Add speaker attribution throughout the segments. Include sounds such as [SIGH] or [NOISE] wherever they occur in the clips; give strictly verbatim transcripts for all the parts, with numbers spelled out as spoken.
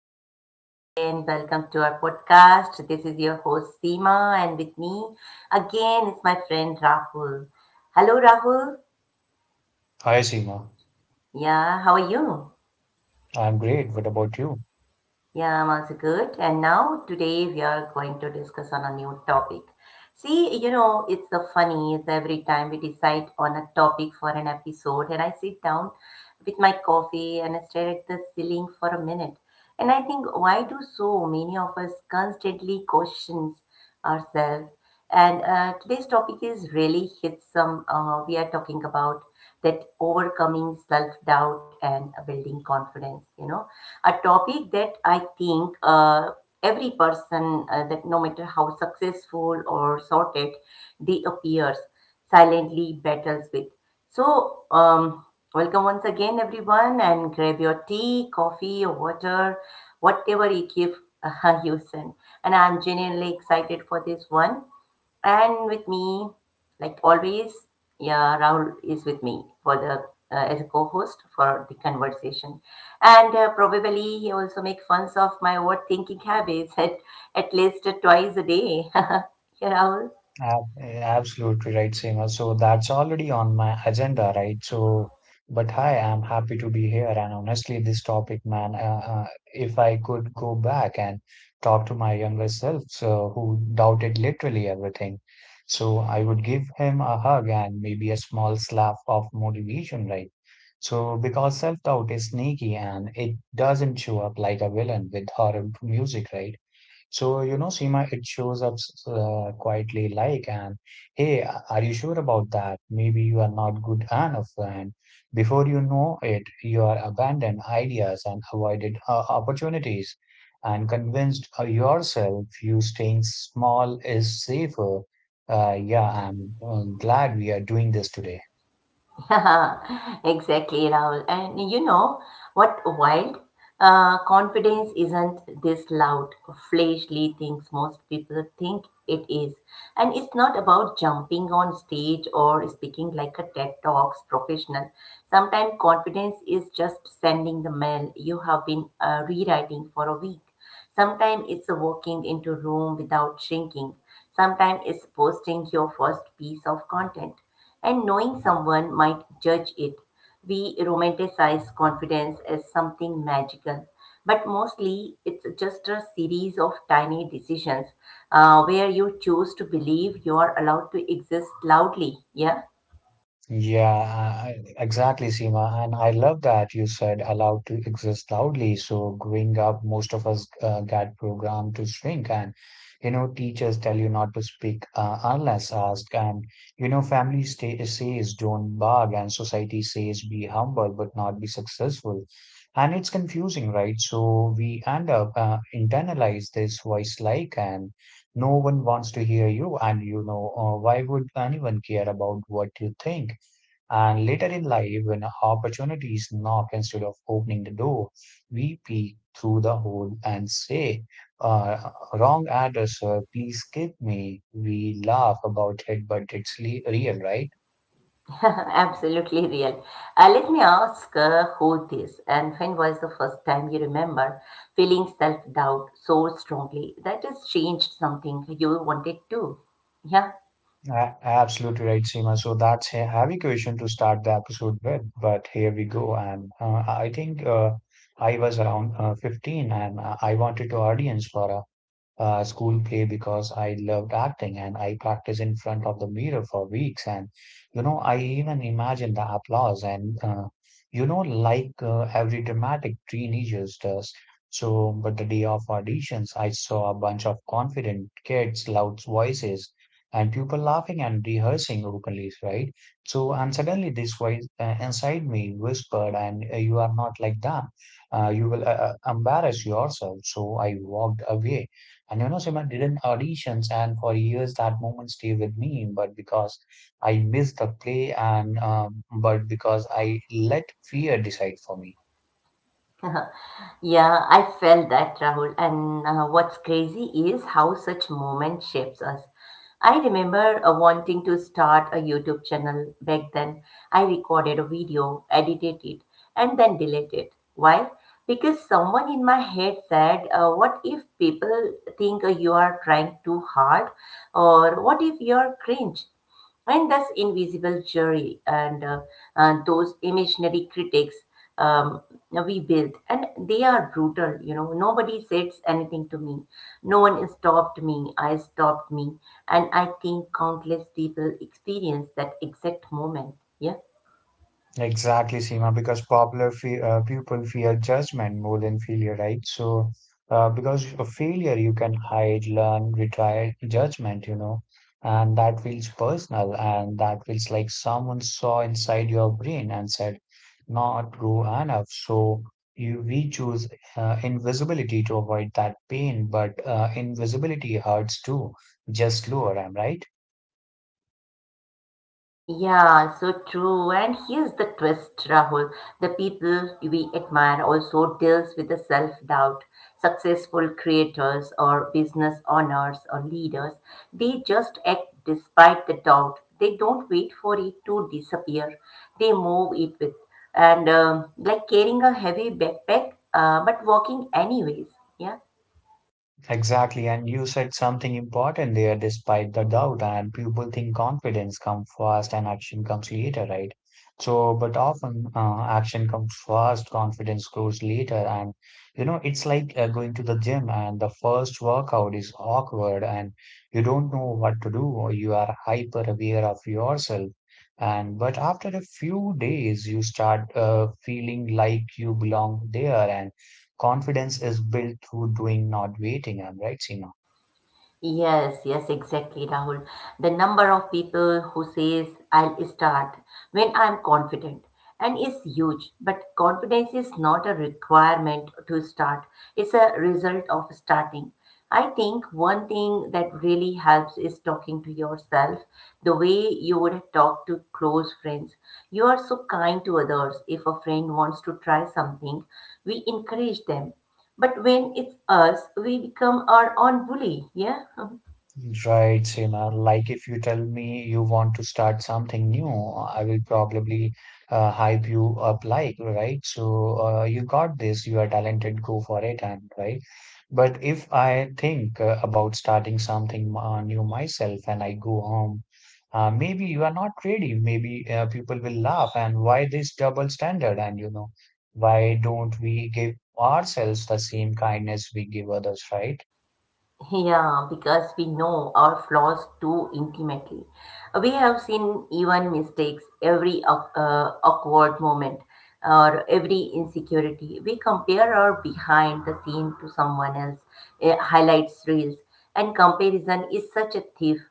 Speaker 1: and once again, welcome to our podcast. This is your host Seema, and with me again is my friend Rahul. Hello, Rahul.
Speaker 2: Hi, Seema.
Speaker 1: Yeah, how are you?
Speaker 2: I'm great. What about you?
Speaker 1: Yeah, I'm also good. And now today we are going to discuss on a new topic. See, you know, it's so funny is every time we decide on a topic for an episode and I sit down with my coffee and I stare at the ceiling for a minute. And I think why do so many of us constantly question ourselves? And uh, today's topic is really hits some uh, we are talking about that overcoming self-doubt and building confidence, you know, a topic that I think uh, every person uh, that no matter how successful or sorted they appears silently battles with. So um, welcome once again, everyone, and grab your tea, coffee, or water, whatever you keep. [LAUGHS] Uh, you send. And I'm genuinely excited for this one. And with me, like always, yeah, Rahul is with me for the uh, as a co-host for the conversation, and uh, probably he also make fun of my overthinking habits [LAUGHS] at at least twice a day. [LAUGHS] Yeah, Rahul.
Speaker 2: Ab- Absolutely right, Seema. So that's already on my agenda, right? So, but hi, I'm happy to be here. And honestly, this topic, man, uh, uh, if I could go back and talk to my younger self, so who doubted literally everything, so I would give him a hug and maybe a small slap of motivation, right? So, because self-doubt is sneaky and it doesn't show up like a villain with horror music, right? So, you know, Seema, it shows up uh, quietly like, and hey, are you sure about that? Maybe you are not good enough. And before you know it, you are abandoned ideas and avoided uh, opportunities and convinced uh, yourself you staying small is safer. Uh, yeah, I'm, I glad we are doing this today.
Speaker 1: [LAUGHS] Exactly, Rahul. And you know what wild? Uh, confidence isn't this loud, fleshly things most people think it is. And it's not about jumping on stage or speaking like a TED Talks professional. Sometimes confidence is just sending the mail you have been uh, rewriting for a week. Sometimes it's walking into a room without shrinking. Sometimes it's posting your first piece of content and knowing someone might judge it. We romanticize confidence as something magical, but mostly it's just a series of tiny decisions uh, where you choose to believe you are allowed to exist loudly. Yeah.
Speaker 2: Yeah, I- exactly, Seema. And I love that you said allowed to exist loudly. So growing up, most of us uh, got programmed to shrink, and you know, teachers tell you not to speak uh, unless asked, and you know, family sta says don't bark, and society says be humble but not be successful. And it's confusing, right? So we end up uh, internalize this voice like, and no one wants to hear you, and you know, uh, why would anyone care about what you think? And later in life, when opportunities knock instead of opening the door, we peek through the hole and say, uh, wrong address, sir, please skip me. We laugh about it, but it's le- real, right?
Speaker 1: [LAUGHS] Absolutely real. Uh, let me ask uh, who this, and when was the first time you remember feeling self doubt so strongly that has changed something you wanted to? Yeah.
Speaker 2: A- absolutely right, Seema. So that's a heavy question to start the episode with, but here we go. And uh, I think uh, I was around uh, fifteen and uh, I wanted to audience for a uh, school play because I loved acting and I practiced in front of the mirror for weeks. And, you know, I even imagined the applause and, uh, you know, like uh, every dramatic teenager does. So, but the day of auditions, I saw a bunch of confident kids, loud voices, and people laughing and rehearsing openly, right? So, and suddenly this voice uh, inside me whispered, and uh, you are not like that. Uh, you will uh, uh, embarrass yourself. So I walked away and you know, Simran didn't auditions, and for years that moment stayed with me. But because I missed the play, and um, but because I let fear decide for me.
Speaker 1: Yeah, I felt that, Rahul. And uh, what's crazy is how such moment shapes us. I remember uh, wanting to start a YouTube channel back then. I recorded a video, edited it, and then deleted it. Why? Because someone in my head said, uh, what if people think uh, you are trying too hard? Or what if you are cringe? And thus, invisible jury, and uh, uh, those imaginary critics um, we built, and they are brutal. You know, nobody said anything to me. No one stopped me. I stopped me, and I think countless people experience that exact moment. Yeah.
Speaker 2: Exactly, Seema, because popular fe uh, people fear judgment more than failure, right? So, uh, because of failure, you can hide, learn, retry judgment, you know, and that feels personal and that feels like someone saw inside your brain and said, not go enough. So, you we choose uh, invisibility to avoid that pain, but uh, invisibility hurts too, just lower, am I right?
Speaker 1: Yeah, so true. And here's the twist, Rahul. The people we admire also deals with the self-doubt. Successful creators or business owners or leaders, they just act despite the doubt. They don't wait for it to disappear. They move it with. And um, like carrying a heavy backpack, uh, but walking anyways. Yeah.
Speaker 2: Exactly. And you said something important there, despite the doubt, and people think confidence comes first and action comes later, right? So, but often uh, action comes first, confidence grows later. And, you know, it's like uh, going to the gym and the first workout is awkward and you don't know what to do, or you are hyper aware of yourself. And, but after a few days, you start uh, feeling like you belong there and confidence is built through doing, not waiting. I'm right, Seema?
Speaker 1: Yes, yes, exactly, Rahul. The number of people who says I'll start when I'm confident and is huge. But confidence is not a requirement to start. It's a result of starting. I think one thing that really helps is talking to yourself the way you would talk to close friends. You are so kind to others. If a friend wants to try something, we encourage them. But when it's us, we become our own bully. Yeah.
Speaker 2: Right, Seema. Like if you tell me you want to start something new, I will probably uh, hype you up like, right? So uh, you got this, you are talented, go for it, and right. But if I think uh, about starting something uh, new myself and I go home, uh, maybe you are not ready. Maybe uh, people will laugh, and why this double standard? And you know, why don't we give ourselves the same kindness we give others, right?
Speaker 1: Yeah, because we know our flaws too intimately. We have seen even mistakes, every awk- uh, awkward moment, or every insecurity. We compare our behind the scene to someone else, uh, highlights reels, and comparison is such a thief.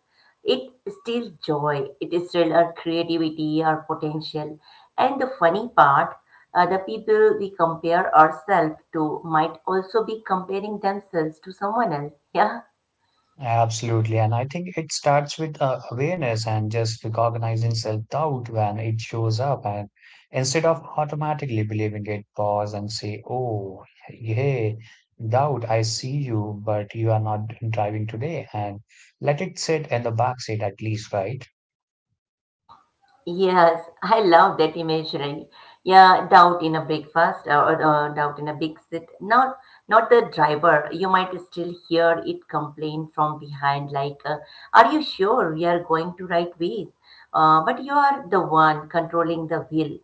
Speaker 1: It steals joy, it steals our creativity, our potential. And the funny part, uh, the people we compare ourselves to might also be comparing themselves to someone else. Yeah.
Speaker 2: Absolutely. And I think it starts with uh, awareness and just recognizing self-doubt when it shows up. And instead of automatically believing it, pause and say, Oh, hey, doubt, I see you, but you are not driving today. And let it sit in the back seat at least, right?
Speaker 1: Yes, I love that imagery. Yeah, doubt in a breakfast uh, or uh, doubt in a big sit. Not, not the driver. You might still hear it complain from behind, like, uh, "Are you sure we are going to right way?" Uh, but you are the one controlling the wheel.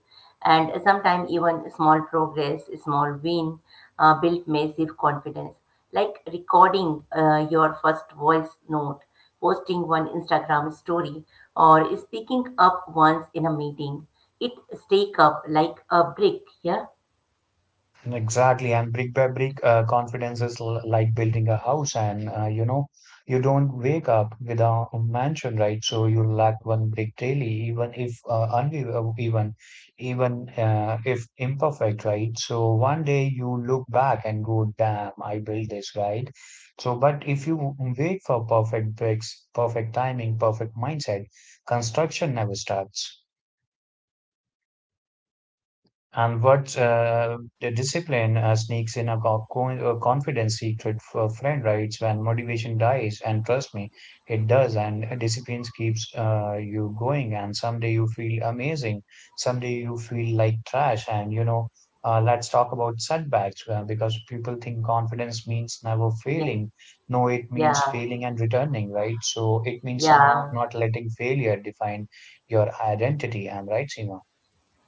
Speaker 1: And sometimes even small progress, small win, uh, build massive confidence. Like recording uh, your first voice note, posting one Instagram story, or speaking up once in a meeting. It stake up like a brick. Yeah,
Speaker 2: Exactly, and brick by brick, uh, confidence is l like building a house, and uh, you know, you don't wake up with a mansion, right? So you lack one brick daily, even if uh, uneven, even even uh, if imperfect, right? So one day you look back and go, "Damn, I built this," right? So, but if you wait for perfect bricks, perfect timing, perfect mindset, construction never starts. And what uh, the discipline uh, sneaks in a co- co- uh, confidence secret for a friend, right? When motivation dies, and trust me, it does. And uh, discipline keeps uh, you going. And someday you feel amazing. Someday you feel like trash. And you know, uh, let's talk about setbacks uh, because people think confidence means never
Speaker 1: yeah,
Speaker 2: failing. No, it
Speaker 1: yeah,
Speaker 2: means failing and returning, right? So it means no,
Speaker 1: yeah.
Speaker 2: not letting failure define your identity. I'm right, Seema.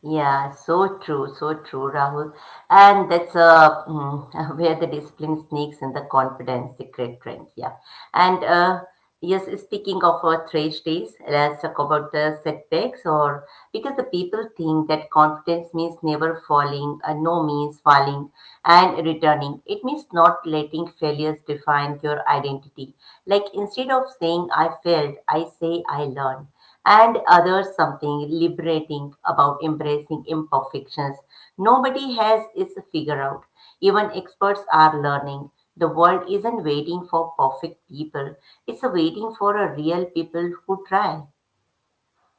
Speaker 1: Yeah, so true, so true, Rahul. And that's uh, mm, [LAUGHS] where the discipline sneaks in the confidence, secret trends. Yeah. And uh, yes, speaking of our trash days, let's talk about the setbacks or because the people think that confidence means never falling, uh, no, means falling and returning. It means not letting failures define your identity. Like instead of saying I failed, I say I learned, and others something liberating about embracing imperfections. Nobody has is figure out. Even experts are learning. The world isn't waiting for perfect people, it's waiting for a real people who try.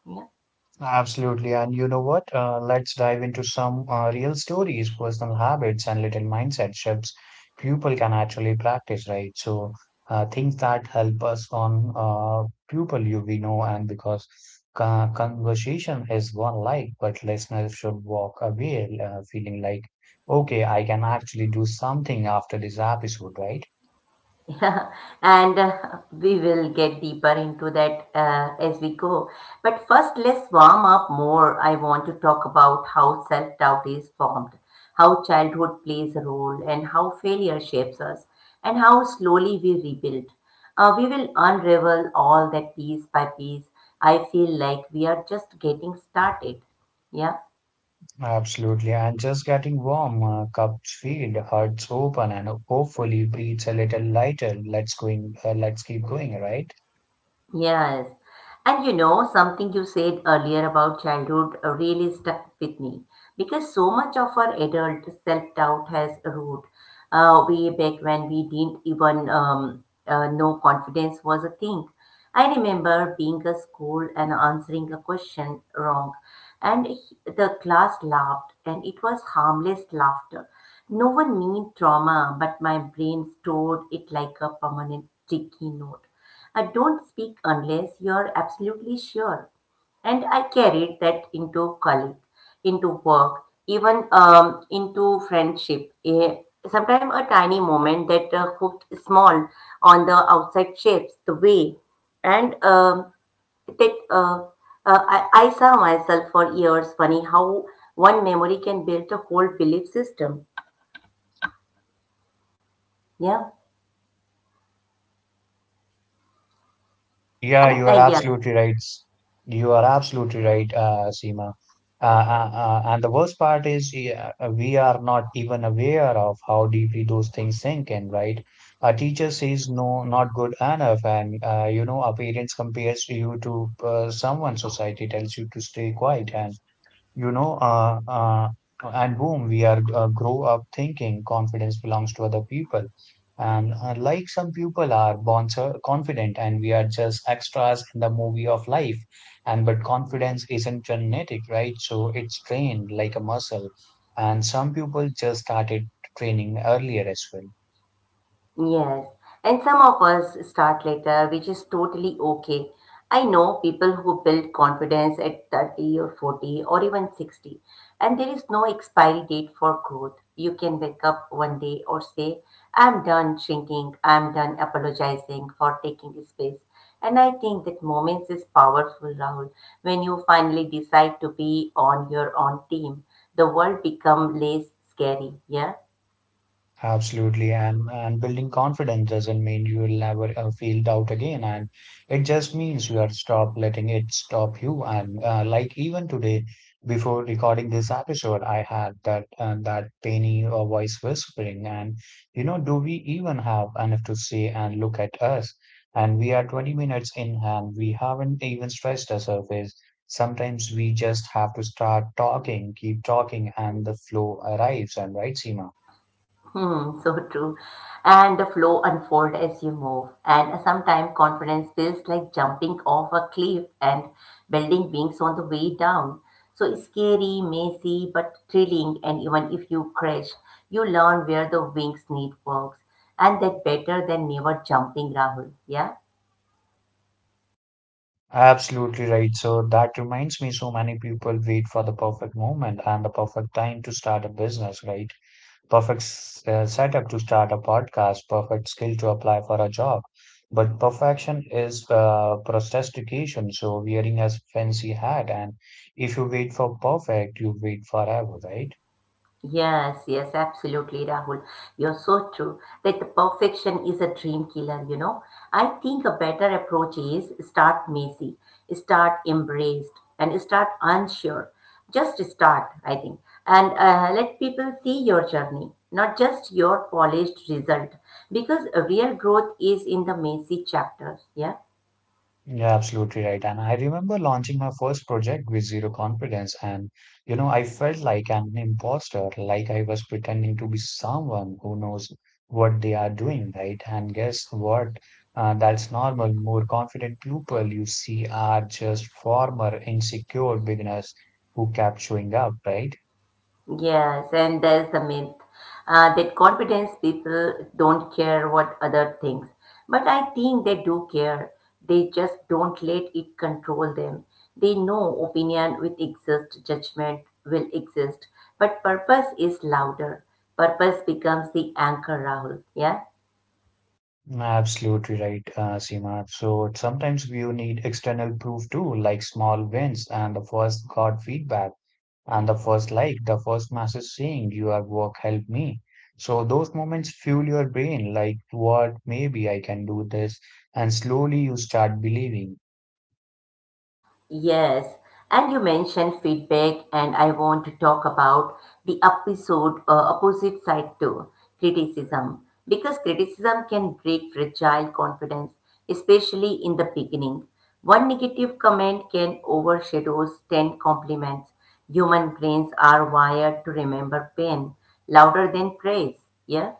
Speaker 1: Yeah.
Speaker 2: Absolutely. And you know what? Uh, let's dive into some uh, real stories, personal habits, and little mindset shifts people can actually practice, right? So, uh, things that help us on uh, people you we know, and because co- conversation is one life, but listeners should walk away uh, feeling like, okay, I can actually do something after this episode, right?
Speaker 1: Yeah, [LAUGHS] and uh, we will get deeper into that uh, as we go. But first, let's warm up more. I want to talk about how self doubt is formed, how childhood plays a role, and how failure shapes us, and how slowly we rebuild. Uh, we will unravel all that piece by piece. I feel like we are just getting started. Yeah.
Speaker 2: Absolutely, and just getting warm, uh, cupped feet, hearts open, and hopefully breathes a little lighter. Let's going. Uh, let's keep going, right?
Speaker 1: Yes. And you know, something you said earlier about childhood uh, really stuck with me because so much of our adult self doubt has a root uh, way back when we didn't even um, uh, know confidence was a thing. I remember being at school and answering a question wrong, and he- the class laughed, and it was harmless laughter. No one meant trauma, but my brain stored it like a permanent sticky note. I don't speak unless you're absolutely sure. And I carried that into college, into work, even um, into friendship. A, sometimes a tiny moment that uh, hooked small on the outside shapes the way. And um, that uh, uh, I, I saw myself for years. Funny how one memory can build a whole belief system. Yeah.
Speaker 2: Yeah,
Speaker 1: And,
Speaker 2: you are
Speaker 1: uh, yeah.
Speaker 2: absolutely right. S- You are absolutely right, uh, Seema. Uh, uh, uh, and the worst part is yeah, uh, we are not even aware of how deeply those things sink in, right? A teacher says no, not good enough, and uh, you know, our parents compares you to uh, someone. Society tells you to stay quiet, and you know uh, uh, and boom we are uh, grow up thinking confidence belongs to other people and uh, like some people are born so confident and we are just extras in the movie of life and but confidence isn't genetic, right? So it's trained like a muscle and some people just started training earlier as well.
Speaker 1: Yes, and some of us start later, which is totally okay. I know people who build confidence at thirty or forty or even sixty, and there is no expiry date for growth. You can wake up one day or say, I'm done shrinking, I'm done apologizing for taking space. And I think that moments is powerful, Rahul. When you finally decide to be on your own team, the world become less scary, yeah?
Speaker 2: Absolutely, and and building confidence doesn't mean you will never uh, feel doubt again, and it just means you are stop letting it stop you. And uh, like even today, before recording this episode, I had that uh, that tiny uh, voice whispering, and you know, do we even have enough to say? And look at us, and we are twenty minutes in, and we haven't even stressed the surface. Sometimes we just have to start talking, keep talking, and the flow arrives. And right, Seema?
Speaker 1: Hmm, so true. And the flow unfold as you move. And sometimes confidence feels like jumping off a cliff and building wings on the way down. So scary, messy, but thrilling. And even if you crash, you learn where the wings need works. And that better than never jumping, Rahul. Yeah.
Speaker 2: Absolutely right. So that reminds me, so many people wait for the perfect moment and the perfect time to start a business, right? Perfect s- uh, setup to start a podcast, perfect skill to apply for a job. But perfection is uh, procrastination, so wearing a fancy hat. And if you wait for perfect, you wait forever, right?
Speaker 1: Yes, yes, absolutely, Rahul. You're so true. Like the perfection is a dream killer, you know. I think a better approach is start messy, start embraced, and start unsure. Just start, I think, and uh, let people see your journey, not just your polished result, because real growth is in the messy chapters. Yeah.
Speaker 2: You're absolutely right. And I remember launching my first project with zero confidence. And, you know, I felt like an imposter, like I was pretending to be someone who knows what they are doing, right? And guess what? Uh, that's normal. More confident people you see are just former insecure beginners who kept showing up, right?
Speaker 1: Yes, and there's the myth uh, that confidence people don't care what other thinks. But I think they do care. They just don't let it control them. They know opinion will exist, judgment will exist, but purpose is louder. Purpose becomes the anchor, Rahul. Yeah.
Speaker 2: Absolutely right, uh, Seema. So sometimes you need external proof too, like small wins and the first got feedback. And the first like, the first message saying your work helped me. So those moments fuel your brain like what maybe I can do this and slowly you start believing.
Speaker 1: Yes, and you mentioned feedback, and I want to talk about the episode uh, opposite side too, criticism, because criticism can break fragile confidence, especially in the beginning. One negative comment can overshadow ten compliments. Human brains are wired to remember pain louder than praise. Yeah.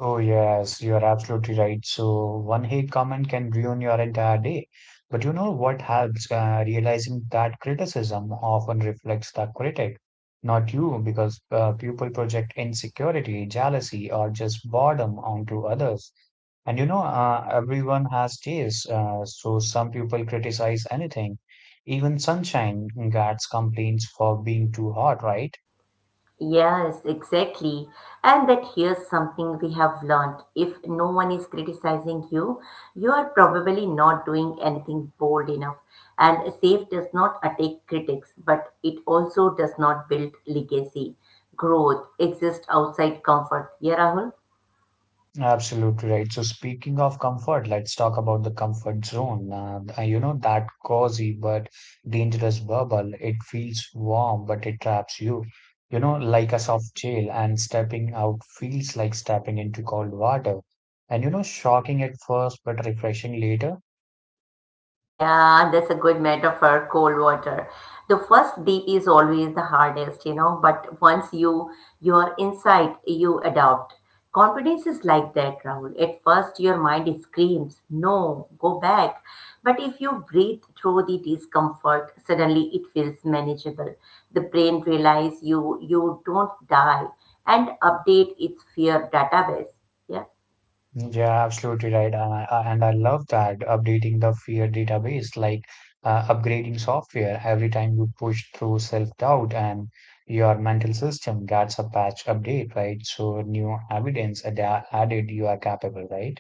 Speaker 2: Oh, yes, you are absolutely right. So, one hate comment can ruin your entire day. But you know what helps? Uh, realizing that criticism often reflects the critic, not you, because uh, people project insecurity, jealousy, or just boredom onto others. And you know, uh, everyone has tastes, uh, so some people criticize anything. Even sunshine gets complaints for being too hot, right?
Speaker 1: Yes, exactly. And that here's something we have learned. If no one is criticizing you, you are probably not doing anything bold enough. And safe does not attack critics, but it also does not build legacy. Growth exists outside comfort. Yeah, Rahul?
Speaker 2: Absolutely right. So speaking of comfort, let's talk about the comfort zone. Uh, you know, that cozy but dangerous bubble. It feels warm, but it traps you. You know, like a soft jail, and stepping out feels like stepping into cold water. And you know, shocking at first, but refreshing later.
Speaker 1: Yeah, that's a good metaphor, cold water. The first dip is always the hardest, you know, but once you you are inside, you adopt. Confidence is like that, Rahul. At first your mind screams, no, go back. But if you breathe through the discomfort, suddenly it feels manageable. The brain realizes you you don't die and update its fear database. Yeah.
Speaker 2: Yeah, absolutely right. And I, I- and I love that updating the fear database, like uh, upgrading software every time you push through self-doubt and your mental system gets a patch update, right? So new evidence ada- added you are capable, right?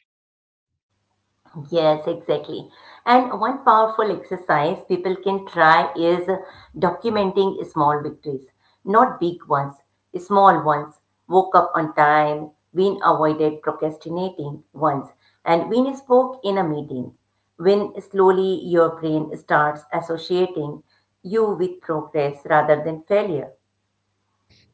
Speaker 1: Yes, exactly. And one powerful exercise people can try is documenting small victories, not big ones, small ones. Woke up on time, when avoided procrastinating once, and when spoke in a meeting. When slowly your brain starts associating you with progress rather than failure.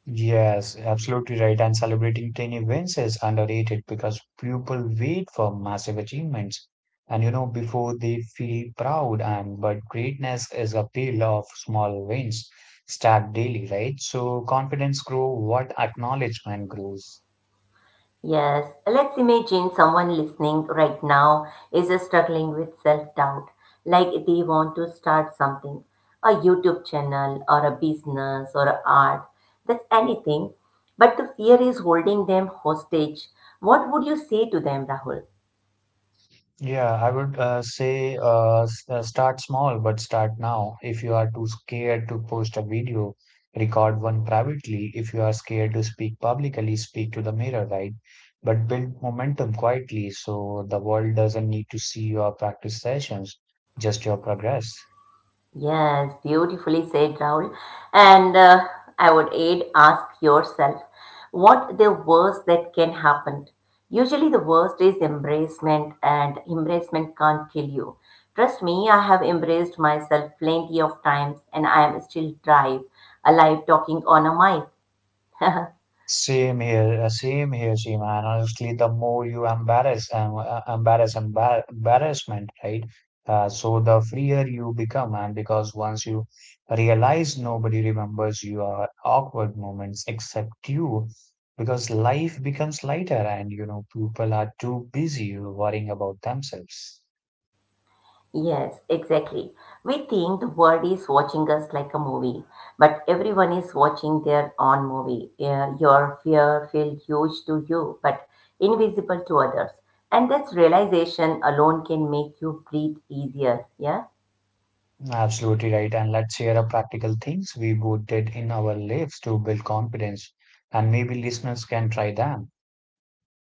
Speaker 2: Yes, absolutely right. And celebrating tiny wins is underrated because people wait for massive achievements. And you know, before they feel proud, and but greatness is a pile of small wins stacked daily, right? So confidence grow what acknowledgement grows.
Speaker 1: Yes, let's imagine someone listening right now is struggling with self doubt, like they want to start something, a YouTube channel, or a business, or art, that's anything, but the fear is holding them hostage. What would you say to them, Rahul?
Speaker 2: Yeah, I would uh, say uh, s- uh, start small, but start now. If you are too scared to post a video, record one privately. If you are scared to speak publicly, speak to the mirror, right? But build momentum quietly so the world doesn't need to see your practice sessions, just your progress.
Speaker 1: Yes, beautifully said, Rahul. And uh, I would add, ask yourself what the worst that can happen. Usually, the worst is embracement, and embracement can't kill you. Trust me, I have embraced myself plenty of times, and I am still drive, alive, talking on a mic. [LAUGHS]
Speaker 2: Same here, uh, same here, Seema. And honestly, the more you embarrass, um, uh, embarrass, embar embarrassment, right? Uh, so the freer you become, and because once you realize nobody remembers your awkward moments except you, because life becomes lighter, and you know people are too busy worrying about themselves.
Speaker 1: Yes, exactly. We think the world is watching us like a movie, but everyone is watching their own movie. Yeah, your fear feels huge to you, but invisible to others. And that realization alone can make you breathe easier. Yeah.
Speaker 2: Absolutely right. And let's share a practical things we both did in our lives to build confidence, and maybe listeners can try them.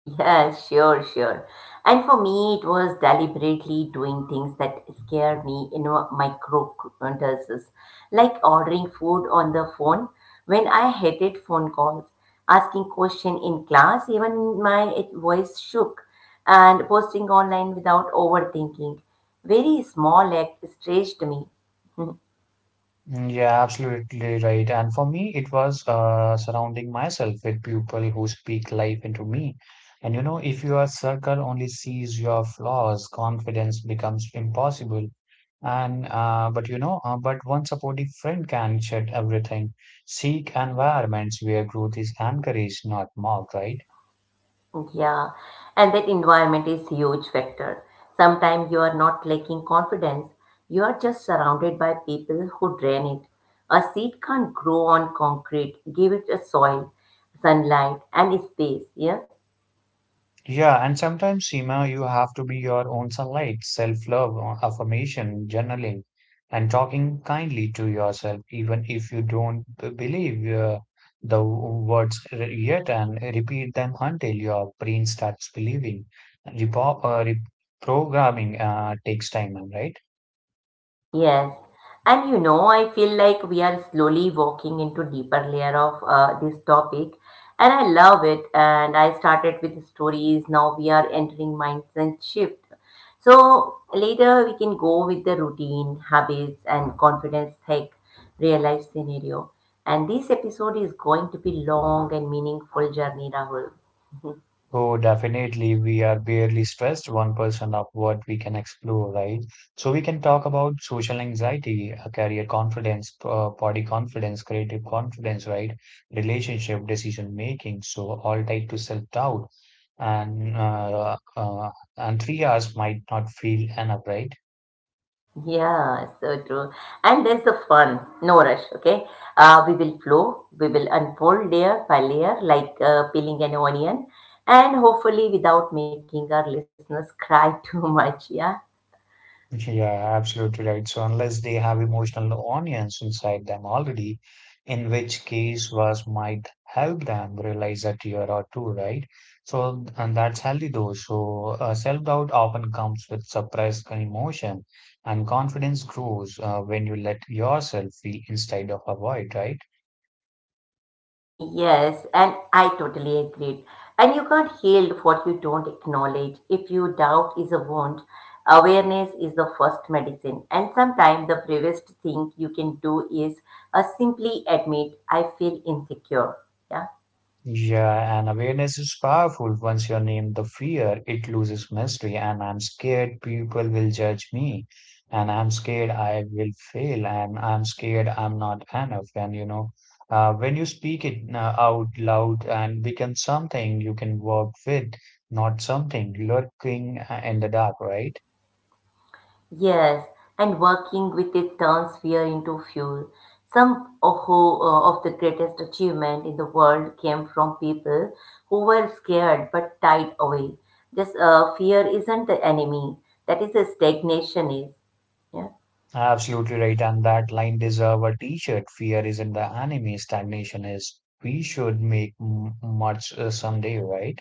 Speaker 1: Yeah, sure, sure. And for me, it was deliberately doing things that scare me in a micro doses, like ordering food on the phone when I hated phone calls, asking question in class, even my voice shook, and posting online without overthinking. Very small act stretched me. [LAUGHS]
Speaker 2: Mm, yeah, absolutely right. And for me, it was uh, surrounding myself with people who speak life into me. And you know, if your circle only sees your flaws, confidence becomes impossible. And uh, but you know, uh, but one supportive friend can shed everything. Seek environments where growth is encouraged, not mocked, right?
Speaker 1: Yeah, and that environment is huge factor. Sometimes you are not lacking confidence, you are just surrounded by people who drain it. A seed can't grow on concrete. Give it a soil, sunlight, and space. Yeah.
Speaker 2: Yeah, and sometimes, Seema, you have to be your own sunlight, self-love, uh, affirmation, journaling, and talking kindly to yourself, even if you don't b- believe uh, the w- words r- yet, and repeat them until your brain starts believing. Repo uh, Reprogramming uh, takes time, right?
Speaker 1: Yes. And you know, I feel like we are slowly walking into deeper layer of uh, this topic and I love it. And I started with stories. Now we are entering mindset shift. So later we can go with the routine, habits and confidence hack, real life scenario. And this episode is going to be long and meaningful journey, Rahul.
Speaker 2: Oh, definitely. We are barely stressed one percent of what we can explore, right? So we can talk about social anxiety, uh, career confidence, uh, body confidence, creative confidence, right? Relationship, decision making. So all tied to self-doubt. And uh, uh, and three hours might not feel enough, right?
Speaker 1: Yeah, so true. And there's the fun. No rush, okay? Uh, we will flow, we will unfold layer by layer, like uh, peeling an onion, and hopefully without making our listeners cry [LAUGHS] too much, yeah?
Speaker 2: Yeah, absolutely right. So unless they have emotional onions inside them already, in which case was might help them realize a tear or two, right? So and that's healthy though. So uh, self-doubt often comes with suppressed emotion, and confidence grows uh, when you let yourself feel instead of avoid, right?
Speaker 1: Yes, and I totally agree. And you can't heal what you don't acknowledge. If you doubt is a wound, awareness is the first medicine. And sometimes the bravest thing you can do is uh, simply admit, I feel insecure. Yeah.
Speaker 2: Yeah, and awareness is powerful. Once you name the fear, it loses mystery, and I'm scared people will judge me, and I'm scared I will fail, and I'm scared I'm not enough. And you know, uh, when you speak it uh, out loud and become something you can work with, not something lurking uh, in the dark, right?
Speaker 1: Yes, and working with it turns fear into fuel. Some of who, uh, of the greatest achievement in the world came from people who were scared but tied away. This uh, fear isn't the enemy. That is a stagnation is. Yeah.
Speaker 2: Absolutely right. And that line deserve a t-shirt. Fear isn't the enemy, stagnation is. We should make m much uh, someday, right?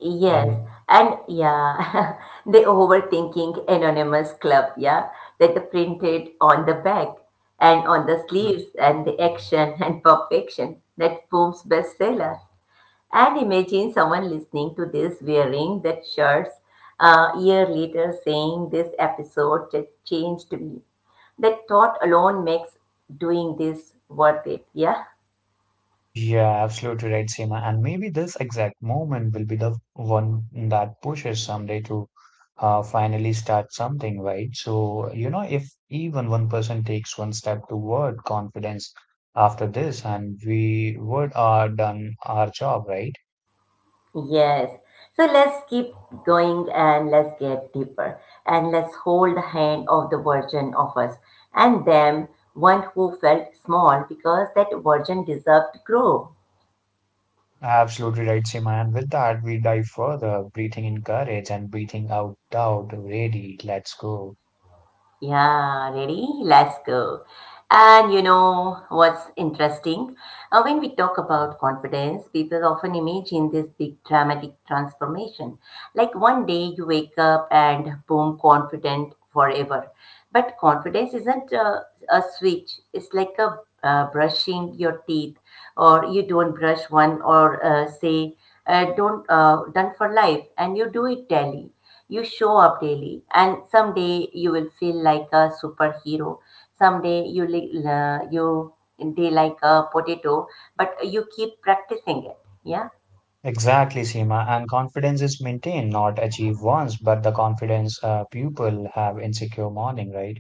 Speaker 1: Yes,
Speaker 2: And
Speaker 1: and yeah, [LAUGHS] the overthinking anonymous club, yeah, that the printed on the back and on the sleeves and the action [LAUGHS] and perfection. That Boom's bestseller. And imagine someone listening to this wearing that shirt, a year later saying this episode just changed me. That thought alone makes doing this worth it. Yeah?
Speaker 2: yeah, absolutely right, Seema. And maybe this exact moment will be the one that pushes someday to uh, finally start something, right? So, you know, if even one person takes one step toward confidence after this, and we would are done our job, right?
Speaker 1: Yes. So let's keep going and let's get deeper. And let's hold the hand of the virgin of us and them, one who felt small because that virgin deserved to grow.
Speaker 2: Absolutely right, Seema. And with that, we dive further, breathing in courage and breathing out doubt. Ready, let's go.
Speaker 1: Yeah, ready? Let's go. And you know what's interesting? Uh, when we talk about confidence, people often imagine this big dramatic transformation. Like one day you wake up and boom, confident forever. But confidence isn't a, a switch, it's like a uh, brushing your teeth, or you don't brush one, or uh, say, uh, don't, uh, done for life, and you do it daily. You show up daily, and someday you will feel like a superhero. Someday you li- la- you day like a potato, but you keep practicing it. Yeah.
Speaker 2: Exactly, Seema. And confidence is maintained, not achieved once, but the confidence uh, people have insecure morning, right?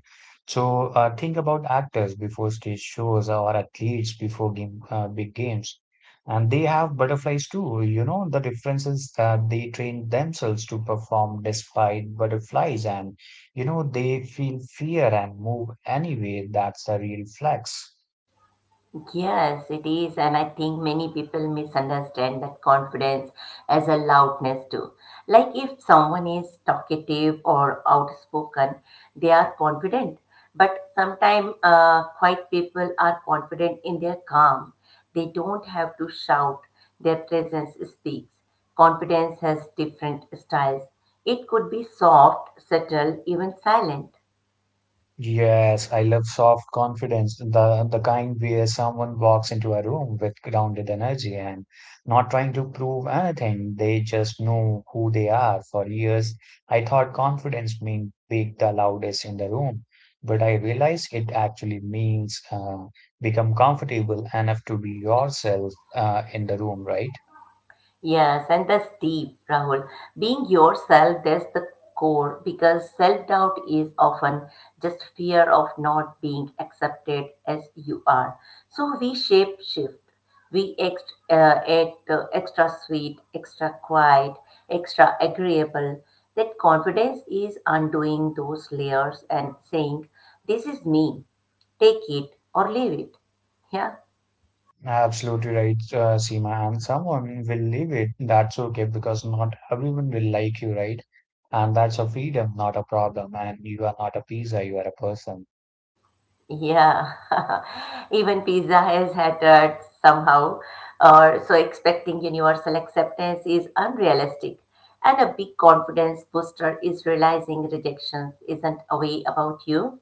Speaker 2: So uh, think about actors before stage shows or athletes before game, uh, big games. And they have butterflies too. You know, the difference is that they train themselves to perform despite butterflies, and you know, they feel fear and move anyway. That's a real flex.
Speaker 1: Yes, it is, and I think many people misunderstand that confidence as a loudness too. Like if someone is talkative or outspoken, they are confident. But sometimes uh, quiet people are confident in their calm. They don't have to shout. Their presence speaks. Confidence has different styles. It could be soft, subtle, even silent.
Speaker 2: Yes, I love soft confidence, the the kind where someone walks into a room with grounded energy and not trying to prove anything. They just know who they are. For years, I thought confidence meant being the loudest in the room, but I realized it actually means uh, become comfortable enough to be yourself uh, in the room, right?
Speaker 1: Yes, and that's deep, Rahul. Being yourself, that's the core because self doubt is often just fear of not being accepted as you are. So we shape shift. We ex- uh, act uh, Extra sweet, extra quiet, extra agreeable. That confidence is undoing those layers and saying, this is me, take it or leave it. Yeah.
Speaker 2: Absolutely right, uh, Seema. And someone will leave it. That's okay because not everyone will like you, right? And that's a freedom, not a problem. And you are not a pizza, you are a person.
Speaker 1: Yeah, [LAUGHS] even pizza has hattered somehow, or so expecting universal acceptance is unrealistic. And a big confidence booster is realizing rejection isn't a way about you.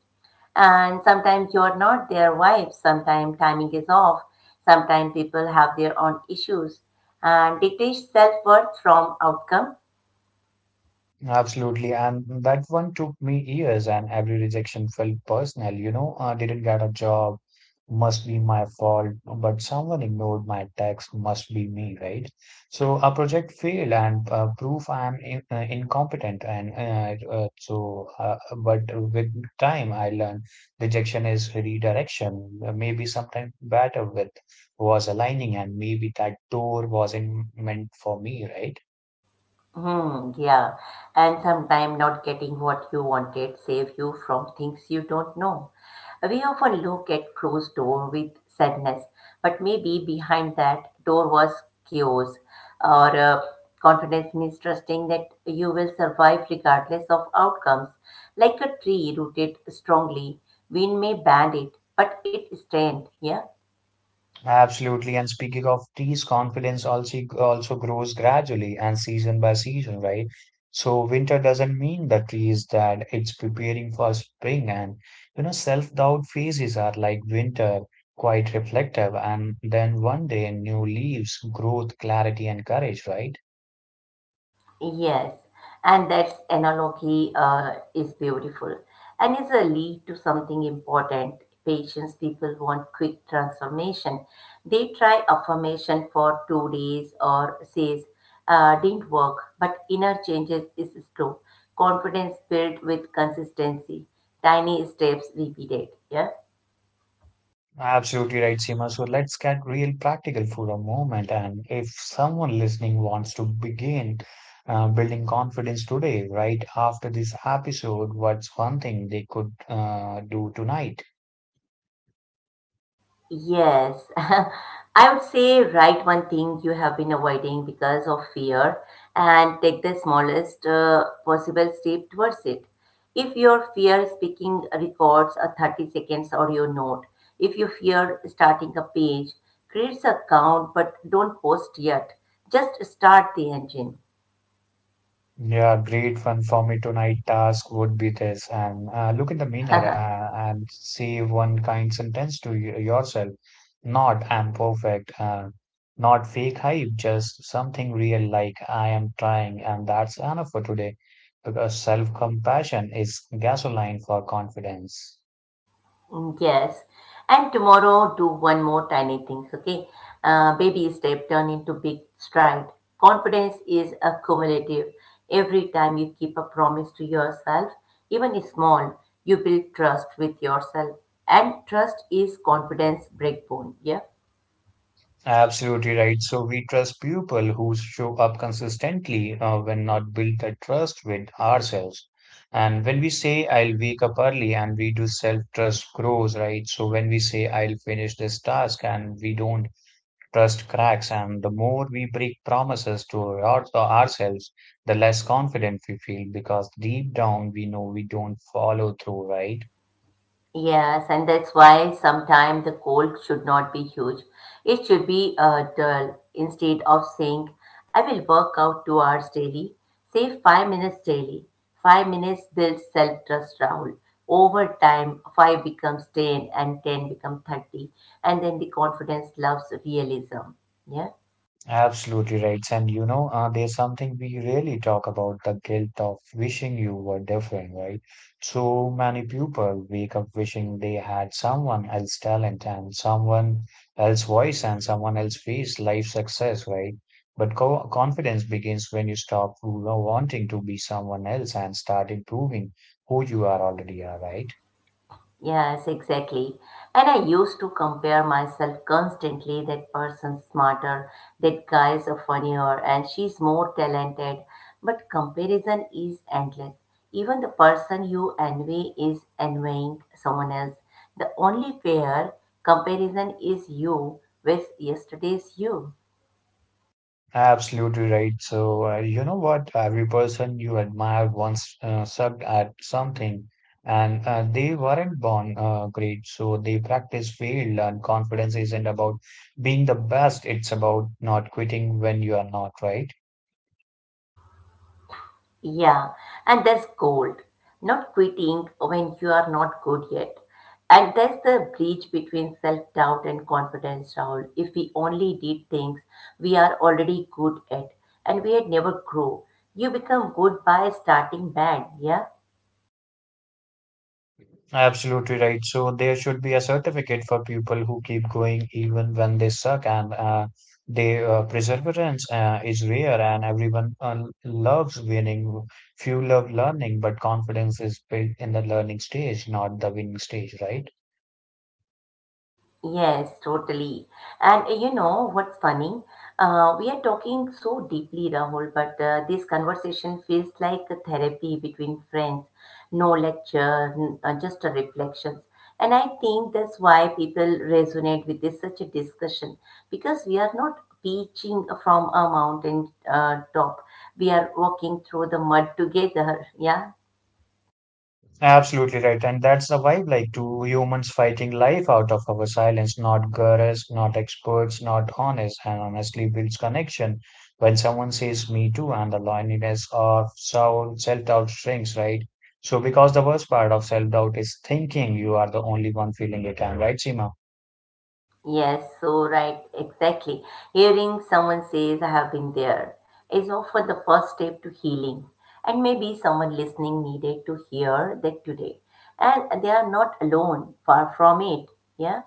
Speaker 1: And sometimes you're not their wife, sometimes timing is off, sometimes people have their own issues. And detach self worth from outcome.
Speaker 2: Absolutely. And that one took me years, and every rejection felt personal. You know, I didn't get a job, must be my fault, but someone ignored my text, must be me, right? So a project failed, and uh, proof I am in, uh, incompetent. And uh, uh, so, uh, but with time, I learned rejection is redirection. Uh, Maybe sometimes better with was aligning, and maybe that door wasn't meant for me, right?
Speaker 1: Hmm, yeah, and sometimes not getting what you wanted save you from things you don't know. We often look at closed door with sadness, but maybe behind that door was chaos. Or uh, Confidence means trusting that you will survive regardless of outcomes. Like a tree rooted strongly, wind may bend it, but it stands. Yeah.
Speaker 2: Absolutely. And speaking of teas, confidence also also grows gradually and season by season, right? So winter doesn't mean the trees that it's preparing for spring and you know self-doubt phases are like winter, quite reflective, and then one day new leaves, growth, clarity, and courage, right?
Speaker 1: Yes, and that analogy uh, is beautiful and is a lead to something important. Patients, people want quick transformation. They try affirmation for two days or says, uh, didn't work, but inner changes is slow. Confidence built with consistency, tiny steps repeated. Yeah.
Speaker 2: Absolutely right, Seema. So let's get real practical for a moment. And if someone listening wants to begin uh, building confidence today, right after this episode, what's one thing they could uh, do tonight?
Speaker 1: Yes, [LAUGHS] I would say write one thing you have been avoiding because of fear and take the smallest uh, possible step towards it. If your fear speaking records a thirty seconds audio note, if you fear starting a page, create a count but don't post yet. Just start the engine.
Speaker 2: Yeah, great fun for me tonight task would be this and uh, look in the mirror uh, and say one kind sentence to y yourself. Not I'm perfect, uh, not fake hype, just something real like I am trying and that's enough for today because self-compassion is gasoline for confidence.
Speaker 1: Mm, yes. And tomorrow, do one more tiny things, okay? Uh, baby step turn into big stride. Confidence is accumulative. Every time you keep a promise to yourself, even small, you build trust with yourself. And trust is confidence breakbone. Yeah.
Speaker 2: Absolutely right. So we trust people who show up consistently uh, when not built that trust with ourselves. And when we say I'll wake up early and we do self-trust grows, right? So when we say I'll finish this task and we don't trust cracks and the more we break promises to our, to ourselves, the less confident we feel because deep down we know we don't follow through, right?
Speaker 1: Yes, and that's why sometimes the cold should not be huge. It should be uh, dull. Instead of saying, I will work out two hours daily, say five minutes daily. Five minutes builds self trust, Rahul. Over time, five becomes ten and ten becomes thirty. And then the confidence loves realism. Yeah.
Speaker 2: Absolutely right. And you know, uh, there's something we really talk about the guilt of wishing you were different, right? So many people wake up wishing they had someone else's talent and someone else's voice and someone else's face, life success, right? But co confidence begins when you stop, you know, wanting to be someone else and start improving who you are already are, right?
Speaker 1: Yes, exactly. And I used to compare myself constantly. That person's smarter, that guy's a funnier, and she's more talented. But comparison is endless. Even the person you envy is envying someone else. The only fair comparison is you with yesterday's you.
Speaker 2: Absolutely right. So, uh, you know what? Every person you admire once uh, sucked at something, and uh, they weren't born uh, great. So, they practice failed, and confidence isn't about being the best, it's about not quitting when you are not, right?
Speaker 1: Yeah, and there's gold, not quitting when you are not good yet. And there's the breach between self doubt and confidence, Raul. If we only did things we are already good at and we had never grow, you become good by starting bad, yeah?
Speaker 2: Absolutely right. So there should be a certificate for people who keep going even when they suck, and uh, they uh, perseverance uh, is rare, and everyone uh, loves winning. Few love learning, but confidence is built in the learning stage, not the winning stage, right?
Speaker 1: Yes, totally. And uh, you know what's funny? Uh, we are talking so deeply, Rahul, but uh, this conversation feels like a therapy between friends. No lecture, n- uh, just a reflections. And I think that's why people resonate with this such a discussion because we are not preaching from a mountain uh, top. We are walking through the mud together. [LAUGHS] Yeah.
Speaker 2: Absolutely right. And that's the vibe like two humans fighting life out of our silence, not gurus, not experts, not honest, and honestly builds connection. When someone says me too, and the loneliness of soul, self doubt shrinks, right? So, because the worst part of self doubt is thinking you are the only one feeling it, am right, Seema?
Speaker 1: Yes, so right, exactly. Hearing someone says, I have been there, is often the first step to healing. And maybe someone listening needed to hear that today. And they are not alone, far from it. Yeah.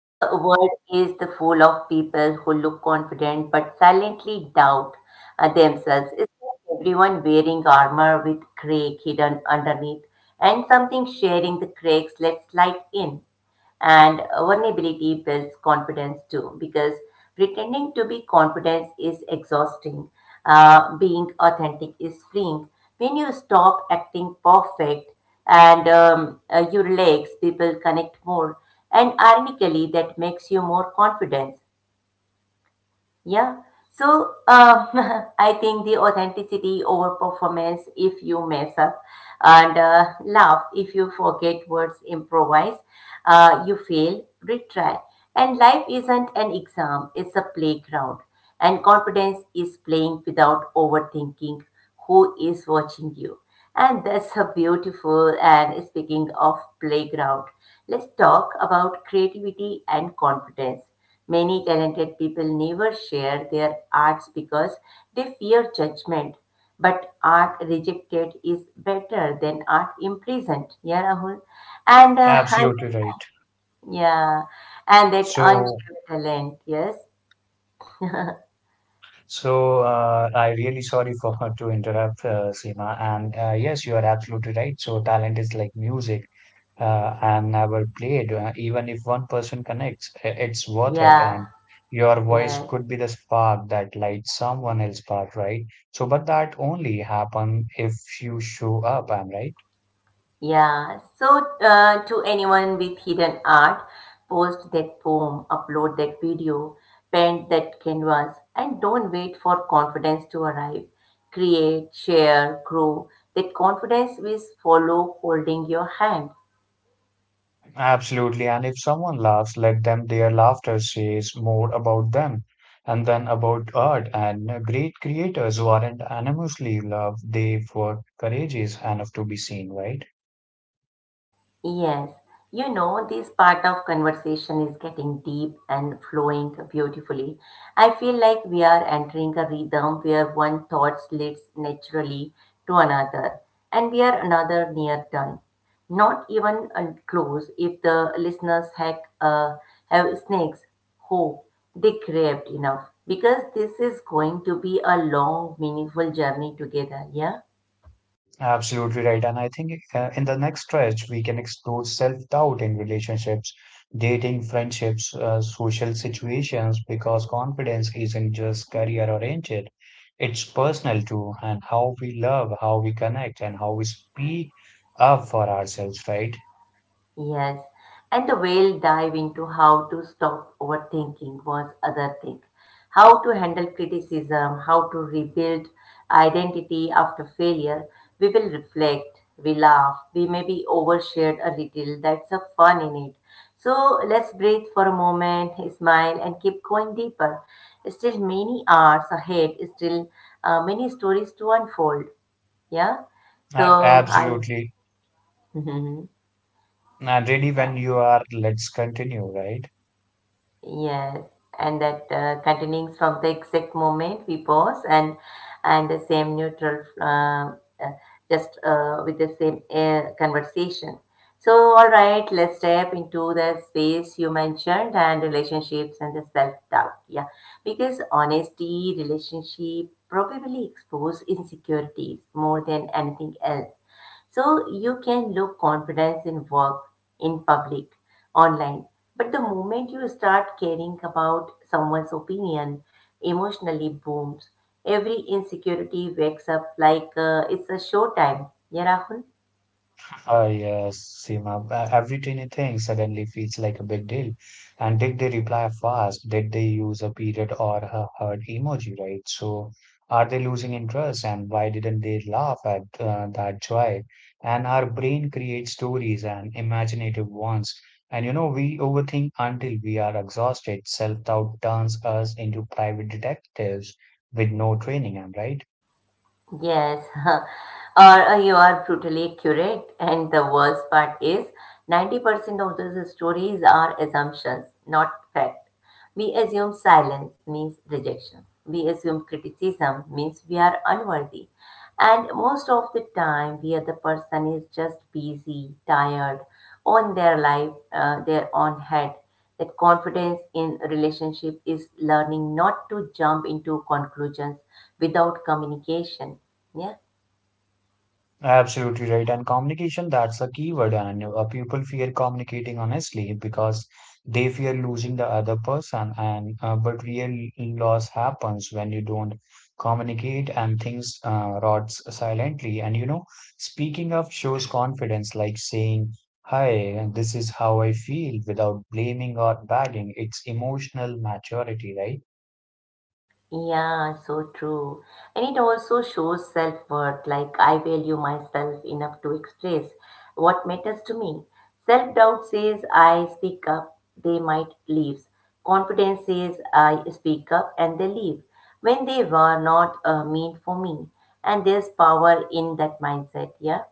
Speaker 1: The world is the full of people who look confident but silently doubt uh, themselves. It's like everyone wearing armor with crack hidden underneath and something sharing the cracks let slide in. And vulnerability builds confidence too, because pretending to be confident is exhausting. Uh, being authentic is freeing. When you stop acting perfect and um, uh, you relax, people connect more. And ironically, that makes you more confident. Yeah. So um, [LAUGHS] I think the authenticity over performance if you mess up and uh, laugh if you forget words, improvise, uh, you fail, retry. And life isn't an exam, it's a playground. And confidence is playing without overthinking who is watching you. And that's a beautiful. And speaking of playground, let's talk about creativity and confidence. Many talented people never share their arts because they fear judgment. But art rejected is better than art imprisoned. Yeah, Rahul. And uh, [LAUGHS] I,
Speaker 2: Absolutely right.
Speaker 1: yeah, and that
Speaker 2: So,
Speaker 1: unshared talent. Yes.
Speaker 2: so uh, I really sorry [LAUGHS] for her to interrupt, uh, Seema. And uh, yes, you are absolutely right. So, talent is like music. Uh, and never played. Uh, even if one person connects, i- it's worth it.
Speaker 1: Yeah.
Speaker 2: And your voice
Speaker 1: Yes.
Speaker 2: could be the spark that lights someone else's path, right? So, but that only happen if you show up, am I right?
Speaker 1: Yeah, so uh, to anyone with hidden art, post that poem, upload that video, paint that canvas, and don't wait for confidence to arrive. Create, share, grow. That confidence will follow holding your hand.
Speaker 2: Absolutely. And if someone laughs, let them, their laughter says more about them. And then about art and uh, great creators who aren't anonymously loved, they were courageous enough to be seen, right?
Speaker 1: Yes, you know, this part of conversation is getting deep and flowing beautifully. I feel like we are entering a rhythm where one thought leads naturally to another, and we are another near done. Not even uh, close if the listeners hack, uh, have snakes, hope they craved enough because this is going to be a long, meaningful journey together. Yeah.
Speaker 2: Absolutely right. And I think uh, in the next stretch, we can explore self-doubt in relationships, dating, friendships, uh, social situations, because confidence isn't just career-oriented. It's personal too, and how we love, how we connect, and how we speak up for ourselves, right?
Speaker 1: Yes, and the whale dive into how to stop overthinking was other thing. How to handle criticism, how to rebuild identity after failure. We will reflect, we laugh, we maybe overshared a little. That's a fun in it. So let's breathe for a moment, smile, and keep going deeper. Still many hours ahead, still uh, many stories to unfold. Yeah.
Speaker 2: Uh,
Speaker 1: So I,
Speaker 2: absolutely.
Speaker 1: [LAUGHS]
Speaker 2: And really,
Speaker 1: yeah.
Speaker 2: when you are, let's continue, right?
Speaker 1: Yes, and that uh, continuing from the exact moment we pause and and the same neutral um, uh, just uh, with the same uh, conversation. So all right, let's step into the space you mentioned and relationships and the self doubt. Yeah, because honesty, relationship probably expose insecurities more than anything else so you can look confidence in work, in public, online. But the moment you start caring about someone's opinion, emotionally booms. Every insecurity wakes up like uh, it's a showtime. Yeah, Rahul?
Speaker 2: [LAUGHS] Uh, yes, Seema, uh, every tiny thing suddenly feels like a big deal. And did they reply fast? Did they use a period or a heart emoji, right? So are they losing interest and why didn't they laugh at uh, that joy? And our brain creates stories and imaginative ones. And you know, we overthink until we are exhausted. Self-doubt turns us into private detectives with no training, am I right?
Speaker 1: Yes, [LAUGHS] or uh, you are brutally accurate. And the worst part is ninety percent of those stories are assumptions, not fact. We assume silence means rejection. We assume criticism means we are unworthy. And most of the time, we are the person is just busy, tired, on their life, uh, their own head that confidence in relationship is learning not to jump into conclusions without communication. Yeah.
Speaker 2: Absolutely right. And communication, that's a key word. And uh, people fear communicating honestly because they fear losing the other person. And uh, but real loss happens when you don't communicate and things uh, rots silently. And you know, speaking up shows confidence, like saying, "Hi, and this is how I feel," without blaming or bagging. It's emotional maturity, right?
Speaker 1: Yeah, so true. And it also shows self-worth, like I value myself enough to express what matters to me. Self-doubt says I speak up, they might leave. Confidence says I speak up and they leave when they were not uh, meant for me. And there's power in that mindset. Yeah.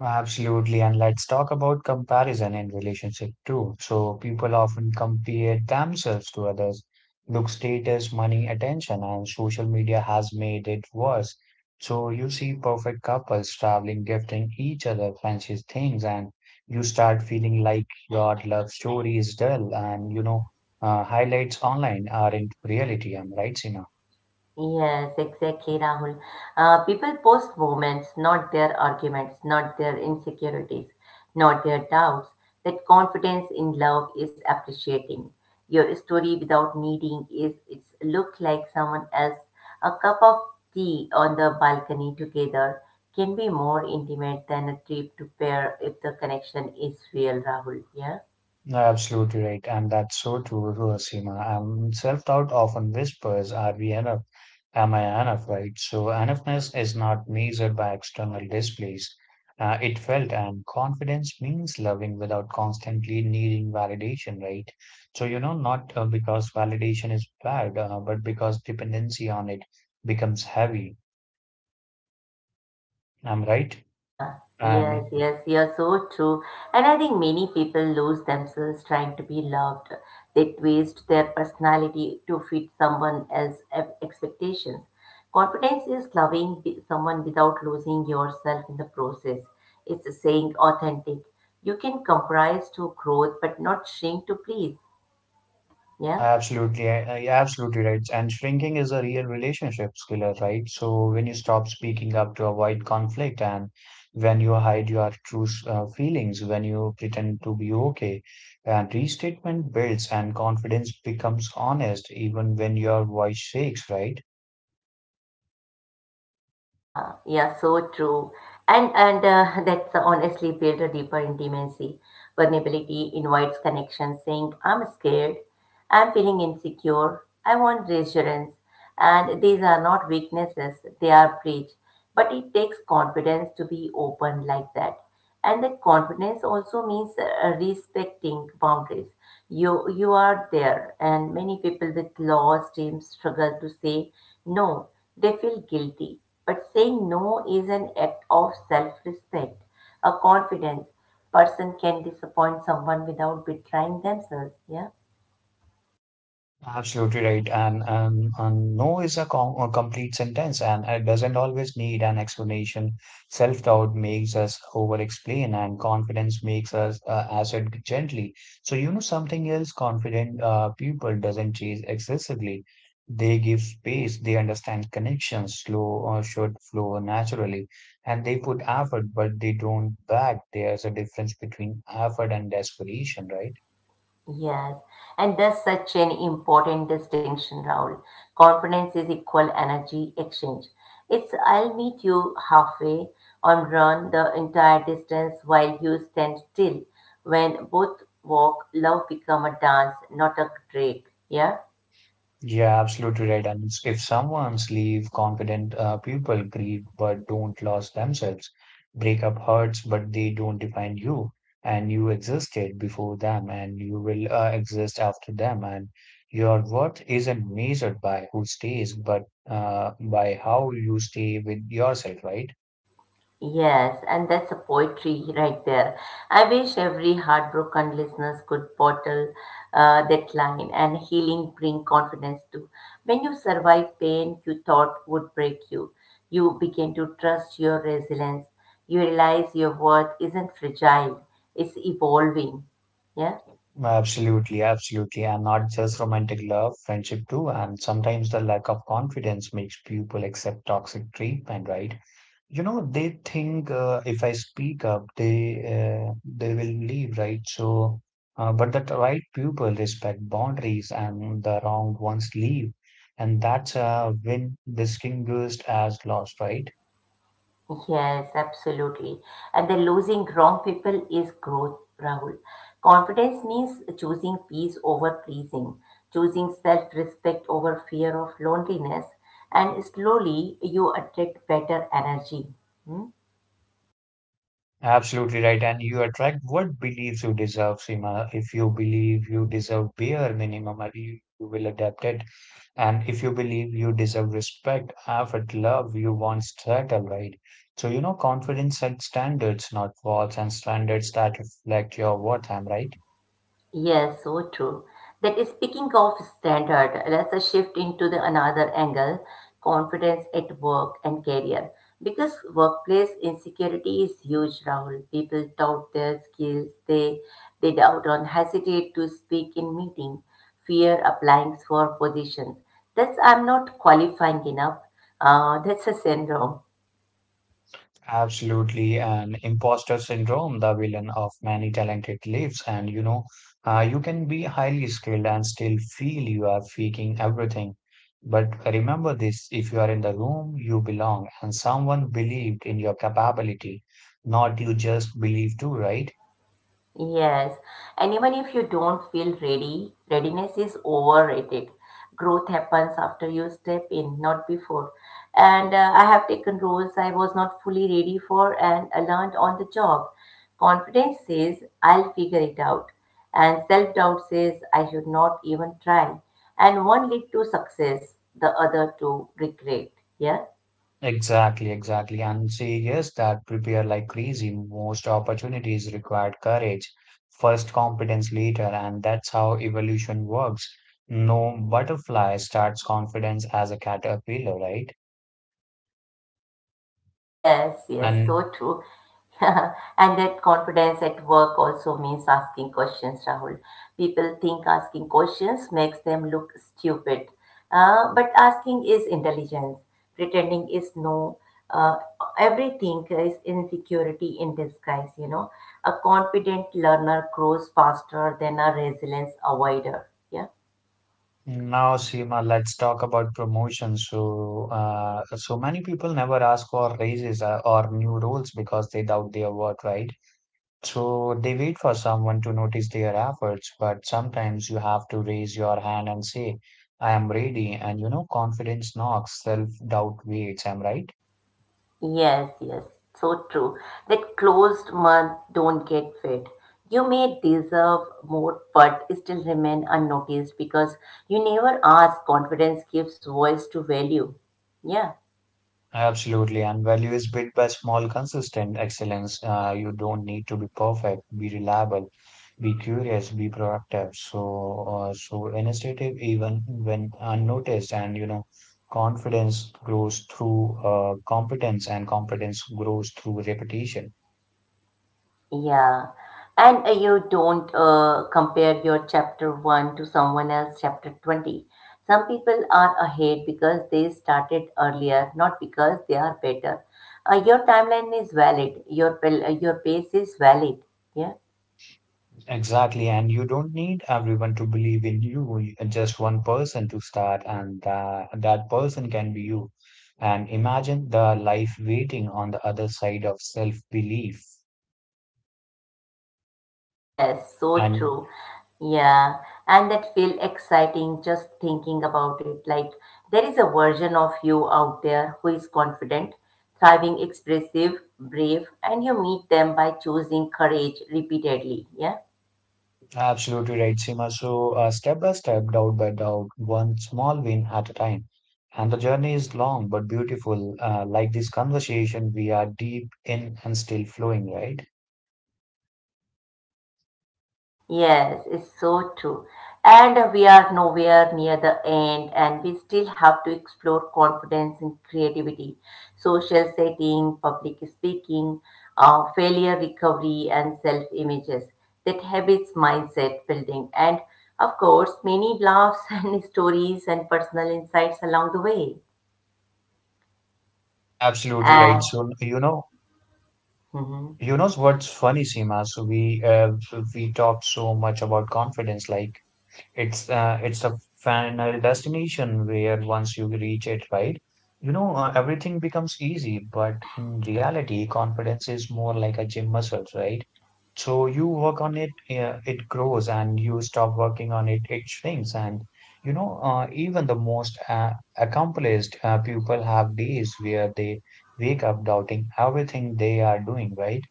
Speaker 2: Absolutely. And let's talk about comparison in relationship too. So people often compare themselves to others. Look, status, money, attention, and social media has made it worse. So you see perfect couples traveling, gifting each other fancy things, and you start feeling like your love story is dull. And you know, uh, highlights online aren't reality. I'm right, Seema.
Speaker 1: Yes, exactly, Rahul. Uh, people post moments, not their arguments, not their insecurities, not their doubts. That confidence in love is appreciating. Your story without needing is it's look like someone else. A cup of tea on the balcony together can be more intimate than a trip to pair if the connection is real, Rahul. Yeah.
Speaker 2: Absolutely right, and that's so true, Seema. Um, self-doubt often whispers, "Are we enough?" Am I enough, right? So, enoughness is not measured by external displays. Uh, it felt and confidence means loving without constantly needing validation, right? So, you know, not uh, because validation is bad, uh, but because dependency on it becomes heavy. I'm right.
Speaker 1: Yes,
Speaker 2: And
Speaker 1: yes, you're so true. And I think many people lose themselves trying to be loved. They twist their personality to fit someone else's e- expectations. Confidence is loving be- someone without losing yourself in the process. It's saying authentic. You can compromise to growth but not shrink to please. Yeah.
Speaker 2: Absolutely, I- I- you're absolutely right. And shrinking is a real relationship killer, right? So when you stop speaking up to avoid conflict, and when you hide your true s- uh, feelings, when you pretend to be okay, and restatement builds and confidence becomes honest, even when your voice shakes, right?
Speaker 1: Yeah, yeah, so true. And and uh, that's honestly build a deeper intimacy. Vulnerability invites connection, saying, I'm scared, I'm feeling insecure, I want reassurance. And these are not weaknesses, they are breach. But it takes confidence to be open like that. And that confidence also means uh, respecting boundaries. You you are there, and many people with law teams struggle to say no. They feel guilty, but saying no is an act of self-respect, a confidence. Person can disappoint someone without betraying themselves. Yeah.
Speaker 2: Absolutely right. And, um, and no is a, com a complete sentence and it doesn't always need an explanation. Self-doubt makes us over-explain and confidence makes us uh, assert gently. So, you know, something else confident uh, people doesn't chase excessively. They give space, they understand connections slow or should flow naturally, and they put effort, but they don't back. There's a difference between effort and desperation, right?
Speaker 1: Yes, and that's such an important distinction, Raul. Confidence is equal energy exchange. It's I'll meet you halfway and run the entire distance while you stand still. When both walk, love become a dance, not a drag. Yeah?
Speaker 2: Yeah, absolutely right. And it's- if someone's leave confident uh, people grieve but don't lose themselves, breakup hurts but they don't define you, and you existed before them and you will uh, exist after them, and your worth isn't measured by who stays but uh, by how you stay with yourself, right?
Speaker 1: Yes, and that's a poetry right there. I wish every heartbroken listeners could bottle uh, that line and healing bring confidence too. When you survive pain you thought would break you, you begin to trust your resilience. You realize your worth isn't fragile, it's evolving. Yeah.
Speaker 2: Absolutely, absolutely. And not just romantic love, friendship too. And sometimes the lack of confidence makes people accept toxic treatment, right? You know, they think uh, if I speak up, they uh, they will leave, right? So, uh, but the right people respect boundaries, and the wrong ones leave, and that's a win distinguished as loss, right?
Speaker 1: Yes, absolutely. And the losing wrong people is growth, Rahul. Confidence means choosing peace over pleasing, choosing self respect over fear of loneliness, and slowly you attract better energy. Hmm?
Speaker 2: Absolutely right. And you attract what beliefs you deserve, Seema. If you believe you deserve bare minimum, you, you will adapt it. And if you believe you deserve respect, effort, love, you want struggle, right? So, you know, confidence and standards, not walls, and standards that reflect your worth, am right?
Speaker 1: Yes, so true. That is speaking of standard, let's uh, shift into the another angle, confidence at work and career. Because workplace insecurity is huge, Rahul. People doubt their skills, they they doubt and hesitate to speak in meeting, fear applying for positions. That's I'm not qualifying enough. Uh, that's a syndrome.
Speaker 2: Absolutely. And imposter syndrome, the villain of many talented lives. And, you know, uh, you can be highly skilled and still feel you are faking everything. But remember this, if you are in the room, you belong, and someone believed in your capability, not you just believe too, right?
Speaker 1: Yes, and even if you don't feel ready, readiness is overrated. Growth happens after you step in, not before. And uh, I have taken roles I was not fully ready for and I learned on the job. Confidence says, I'll figure it out. And self doubt says, I should not even try. And one lead to success, the other to regret. Yeah.
Speaker 2: Exactly, exactly. And say yes, that prepare like crazy. Most opportunities required courage, first competence later, and that's how evolution works. No butterfly starts confidence as a caterpillar, right?
Speaker 1: Yes, yes,
Speaker 2: And
Speaker 1: so true. [LAUGHS] Yeah, and that confidence at work also means asking questions, Rahul. People think asking questions makes them look stupid, uh, but asking is intelligence. Pretending is no. Uh, Everything is insecurity in disguise, you know. A confident learner grows faster than a resilience avoider. Yeah.
Speaker 2: now, Seema, let's talk about promotions. So, uh, so many people never ask for raises uh, or new roles because they doubt their worth, right? So they wait for someone to notice their efforts, but sometimes you have to raise your hand and say, I am ready. And you know, confidence knocks, self-doubt waits. I'm right.
Speaker 1: Yes, yes, so true. That closed month don't get fed. You may deserve more, but still remain unnoticed because you never ask. Confidence gives voice to value. Yeah,
Speaker 2: Absolutely. And value is built by small, consistent excellence. Uh, you don't need to be perfect, be reliable, be curious, be proactive. So, uh, so initiative, even when unnoticed, and you know, confidence grows through uh, competence, and competence grows through repetition.
Speaker 1: yeah. And uh, you don't uh, compare your chapter one to someone else chapter twenty. Some people are ahead because they started earlier, not because they are better. Uh, your timeline is valid. Your, pel- uh, your pace is valid. Yeah.
Speaker 2: Exactly, and you don't need everyone to believe in you, you- just one person to start, and that, that person can be you. And imagine the life waiting on the other side of self-belief.
Speaker 1: Yes, so
Speaker 2: And
Speaker 1: true. Yeah, and that feel exciting just thinking about it. Like there is a version of you out there who is confident, thriving, expressive, brave, and you meet them by choosing courage repeatedly. Yeah.
Speaker 2: absolutely right, Seema. So, uh, step by step, doubt by doubt, one small win at a time. And the journey is long but beautiful. Uh, like this conversation, we are deep in and still flowing, right?
Speaker 1: Yes, it's so true. And we are nowhere near the end, and we still have to explore confidence and creativity, social setting, public speaking, uh, failure recovery, and self images. That habits, mindset building, and of course, many laughs [LAUGHS] and stories and personal insights along the way.
Speaker 2: Absolutely right.
Speaker 1: And
Speaker 2: So you know,
Speaker 1: mhm.
Speaker 2: you know what's funny, Seema? So we uh, we talk so much about confidence, like it's uh, it's a final destination where once you reach it, right? You know, uh, everything becomes easy, but in reality, confidence is more like a gym muscles, right? So you work on it, uh, it grows, and you stop working on it, it shrinks. And you know, uh, even the most uh, accomplished uh, people have days where they wake up doubting everything they are doing, right?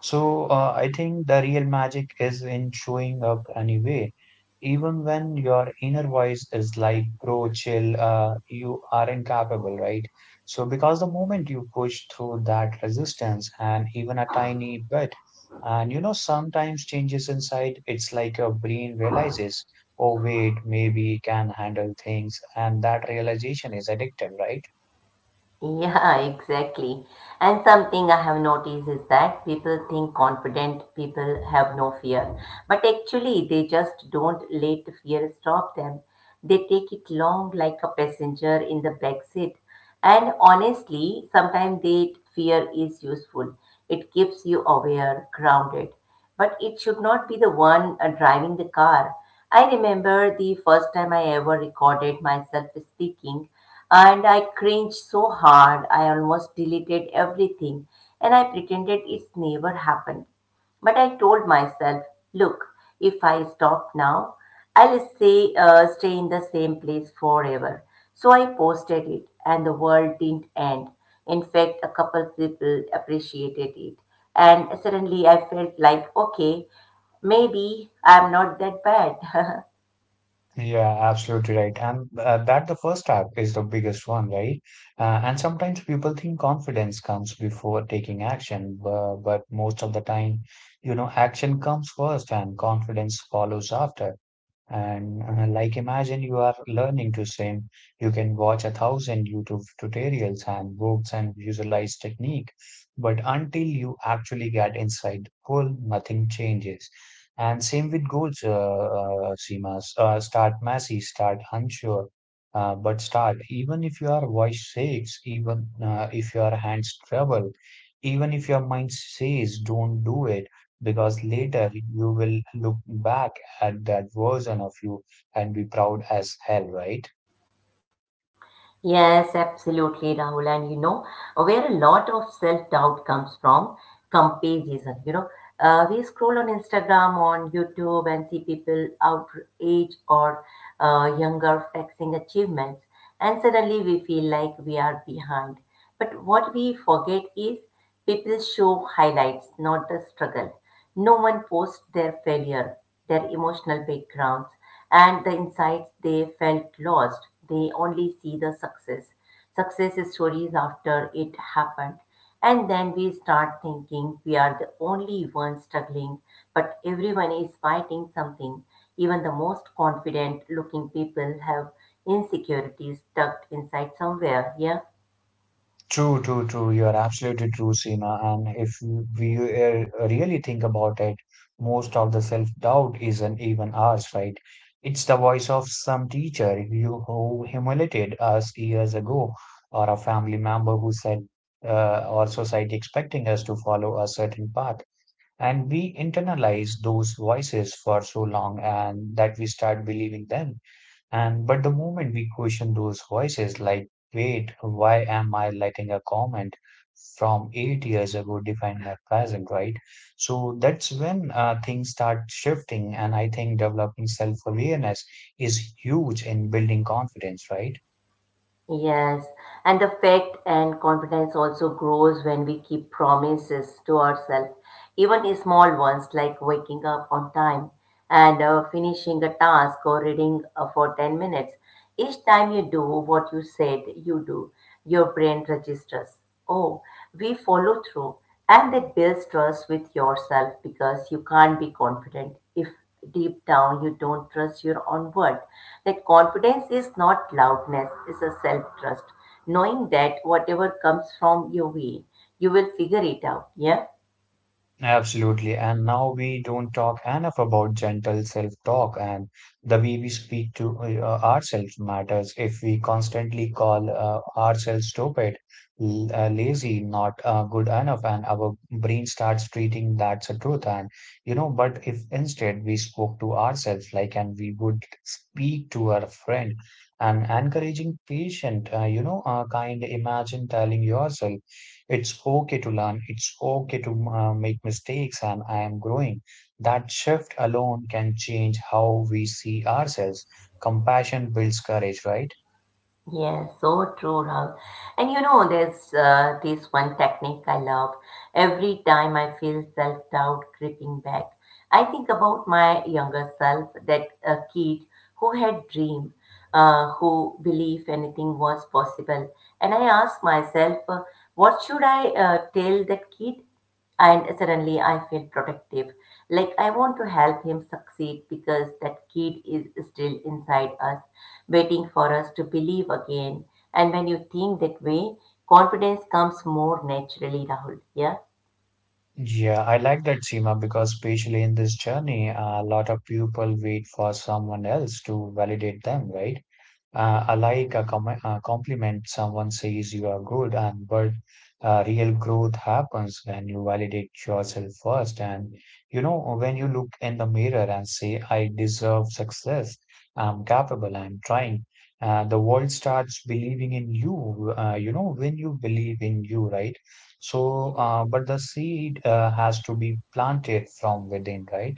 Speaker 2: So uh, I think the real magic is in showing up anyway. Even when your inner voice is like, bro, chill, uh, you are incapable, right? So because the moment you push through that resistance and even a tiny bit, and you know, sometimes changes inside, it's like your brain realizes, oh, wait, maybe it can handle things. And that realization is addictive, right?
Speaker 1: Yeah, [LAUGHS] exactly. And something I have noticed is that people think confident people have no fear, but actually they just don't let fear stop them. They take it long like a passenger in the back seat. And honestly, sometimes that fear is useful. It keeps you aware, grounded but it should not be the one uh, driving the car. I remember the first time I ever recorded myself speaking, and I cringed so hard I almost deleted everything, and I pretended it's never happened. But I told myself, look, if I stop now, I'll stay, uh, stay in the same place forever. So I posted it, and the world didn't end. In fact, a couple people appreciated it. And suddenly I felt like, okay, maybe I'm not that bad. [LAUGHS]
Speaker 2: Yeah, absolutely right. And uh, that the first step is the biggest one, right? Uh, and sometimes people think confidence comes before taking action, but, but most of the time, you know, action comes first and confidence follows after. And uh, like imagine you are learning to swim. You can watch a thousand YouTube tutorials and books and visualize technique. But until you actually get inside the pool, nothing changes. And same with goals, uh, uh, Seema. Uh, start messy, start unsure, uh, but start. Even if your voice shakes, even uh, if your hands tremble, even if your mind says don't do it, because later you will look back had that version of you and be proud as hell, right?
Speaker 1: Yes, absolutely, Rahul. And you know, where a lot of self-doubt comes from, comparison. You know, uh, we scroll on Instagram, on YouTube, and see people our age or uh, younger flexing achievements, and suddenly we feel like we are behind. But what we forget is people show highlights, not the struggle. No one posts their failure, their emotional backgrounds, and the insights they felt lost. They only see the success, success stories after it happened. And then we start thinking we are the only ones struggling, but everyone is fighting something. Even the most confident looking people have insecurities tucked inside somewhere. Yeah.
Speaker 2: True, true, true. You're absolutely true, Seema. And if we uh, really think about it, most of the self-doubt isn't even ours, right? It's the voice of some teacher you who humiliated us years ago, or a family member who said, uh, or society expecting us to follow a certain path. And we internalize those voices for so long and that we start believing them. And but the moment we question those voices, like, wait, why am I letting a comment from eight years ago define my present, right? So that's when uh, things start shifting. And I think developing self-awareness is huge in building confidence, right?
Speaker 1: Yes, and the faith and confidence also grows when we keep promises to ourselves, even i- small ones like waking up on time and uh, finishing a task or reading uh, for ten minutes. Each time you do what you said you do, your brain registers. Oh, we follow through. And that builds trust with yourself because you can't be confident if deep down you don't trust your own word. That confidence is not loudness, it's a self trust. Knowing that whatever comes from your way, you will figure it out. Yeah?
Speaker 2: Absolutely. And now we don't talk enough about gentle self-talk and the way we speak to uh, ourselves matters. If we constantly call uh, ourselves stupid, l- uh, lazy, not uh, good enough, and our brain starts treating that's a truth. And, you know, but if instead we spoke to ourselves, like, and we would speak to our friend, an encouraging patient, uh, you know, uh, kind, imagine telling yourself, it's okay to learn. It's okay to uh, make mistakes, and I am growing. That shift alone can change how we see ourselves. Compassion builds courage, right?
Speaker 1: Yes, so true, Rahul. And you know, there's uh, this one technique I love. Every time I feel self-doubt creeping back, I think about my younger self, that uh, kid who had dream, uh, who believed anything was possible. And I ask myself, uh, what should I uh, tell that kid? And suddenly I feel protective. Like I want to help him succeed because that kid is still inside us, waiting for us to believe again. And when you think that way, confidence comes more naturally, Rahul. Yeah.
Speaker 2: Yeah, I like that, Seema, because especially in this journey, a lot of people wait for someone else to validate them, right? Uh, I like a com uh, compliment. Someone says you are good, and but uh, real growth happens when you validate yourself first. And you know, when you look in the mirror and say, I deserve success, I'm capable, I'm trying, uh, the world starts believing in you. Uh, you know, when you believe in you, right? So, uh, but the seed uh, has to be planted from within, right?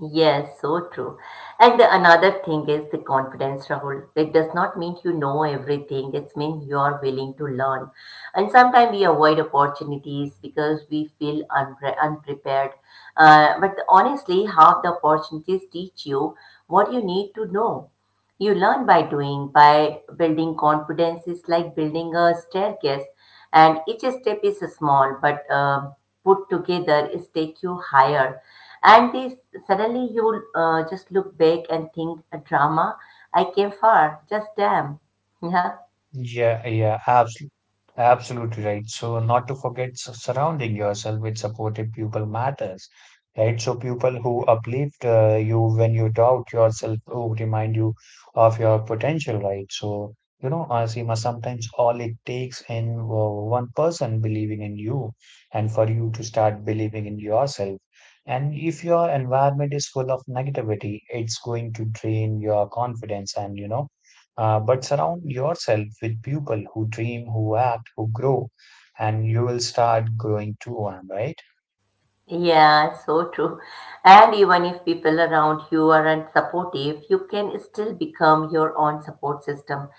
Speaker 1: Yes, so true. And another thing is the confidence, Rahul. It does not mean you know everything. It means you are willing to learn. And sometimes we avoid opportunities because we feel unpre- unprepared. Uh, but honestly, half the opportunities teach you what you need to know. You learn by doing, by building confidence is like building a staircase. And each step is small, but um put together, it take you higher. And this suddenly you will uh, just look back and think, a drama, I came far, just damn. [LAUGHS] Yeah,
Speaker 2: Yeah, yeah, absolutely. Absolutely right. So, not to forget s- surrounding yourself with supportive people matters, right? So, people who uplift uh, you when you doubt yourself, who remind you of your potential, right? So, you know, Asima, sometimes all it takes in uh, one person believing in you and for you to start believing in yourself. And if your environment is full of negativity, it's going to drain your confidence and, you know, uh, but surround yourself with people who dream, who act, who grow, and you will start growing too, am I right?
Speaker 1: yeah, so true. And even if people around you aren't supportive, you can still become your own support system.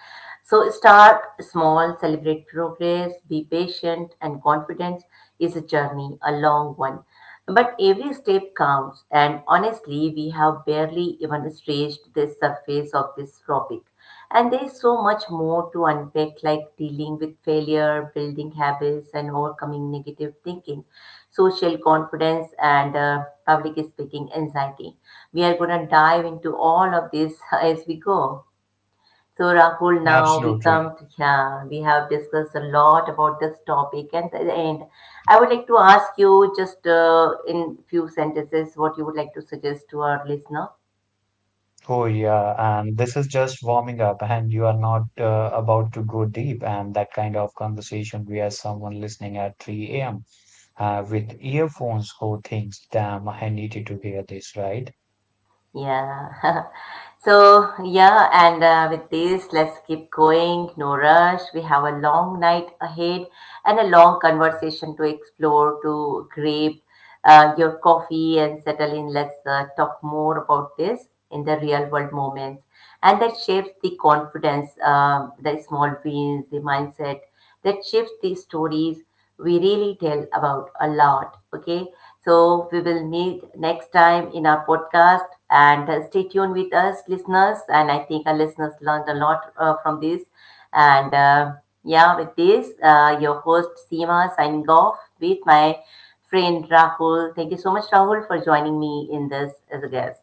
Speaker 1: So start small, celebrate progress, be patient, and confidence is a journey, a long one. But every step counts, and honestly, we have barely even scratched the surface of this topic. And there is so much more to unpack, like dealing with failure, building habits, and overcoming negative thinking, social confidence, and uh, public speaking anxiety. We are going to dive into all of this [LAUGHS] as we go. So Rahul, now we
Speaker 2: Absolutely.
Speaker 1: come to yeah, we have discussed a lot about this topic, and at the end, I would like to ask you just uh, in few sentences what you would like to suggest to our listener.
Speaker 2: Oh, yeah. And this is just warming up, and you are not uh, about to go deep. And that kind of conversation where someone listening at three a m. Uh, with earphones who thinks, damn, I needed to hear this, right?
Speaker 1: Yeah. [LAUGHS] So yeah, and uh, with this, let's keep going. No rush. We have a long night ahead and a long conversation to explore, to grab uh, your coffee and settle in. Let's uh, talk more about this in the real world moments. And that shapes the confidence, um, the small wins, the mindset, that shapes the stories we really tell about a lot. Okay, so we will meet next time in our podcast and uh, stay tuned with us, listeners. And I think our listeners learned a lot uh, from this. And uh, Yeah, with this, uh, your host Seema signing off with my friend Rahul. Thank you so much, Rahul, for joining me in this as a guest.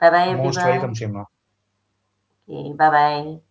Speaker 1: Bye bye,
Speaker 2: Most welcome,
Speaker 1: everyone.
Speaker 2: Simran.
Speaker 1: Okay, bye bye.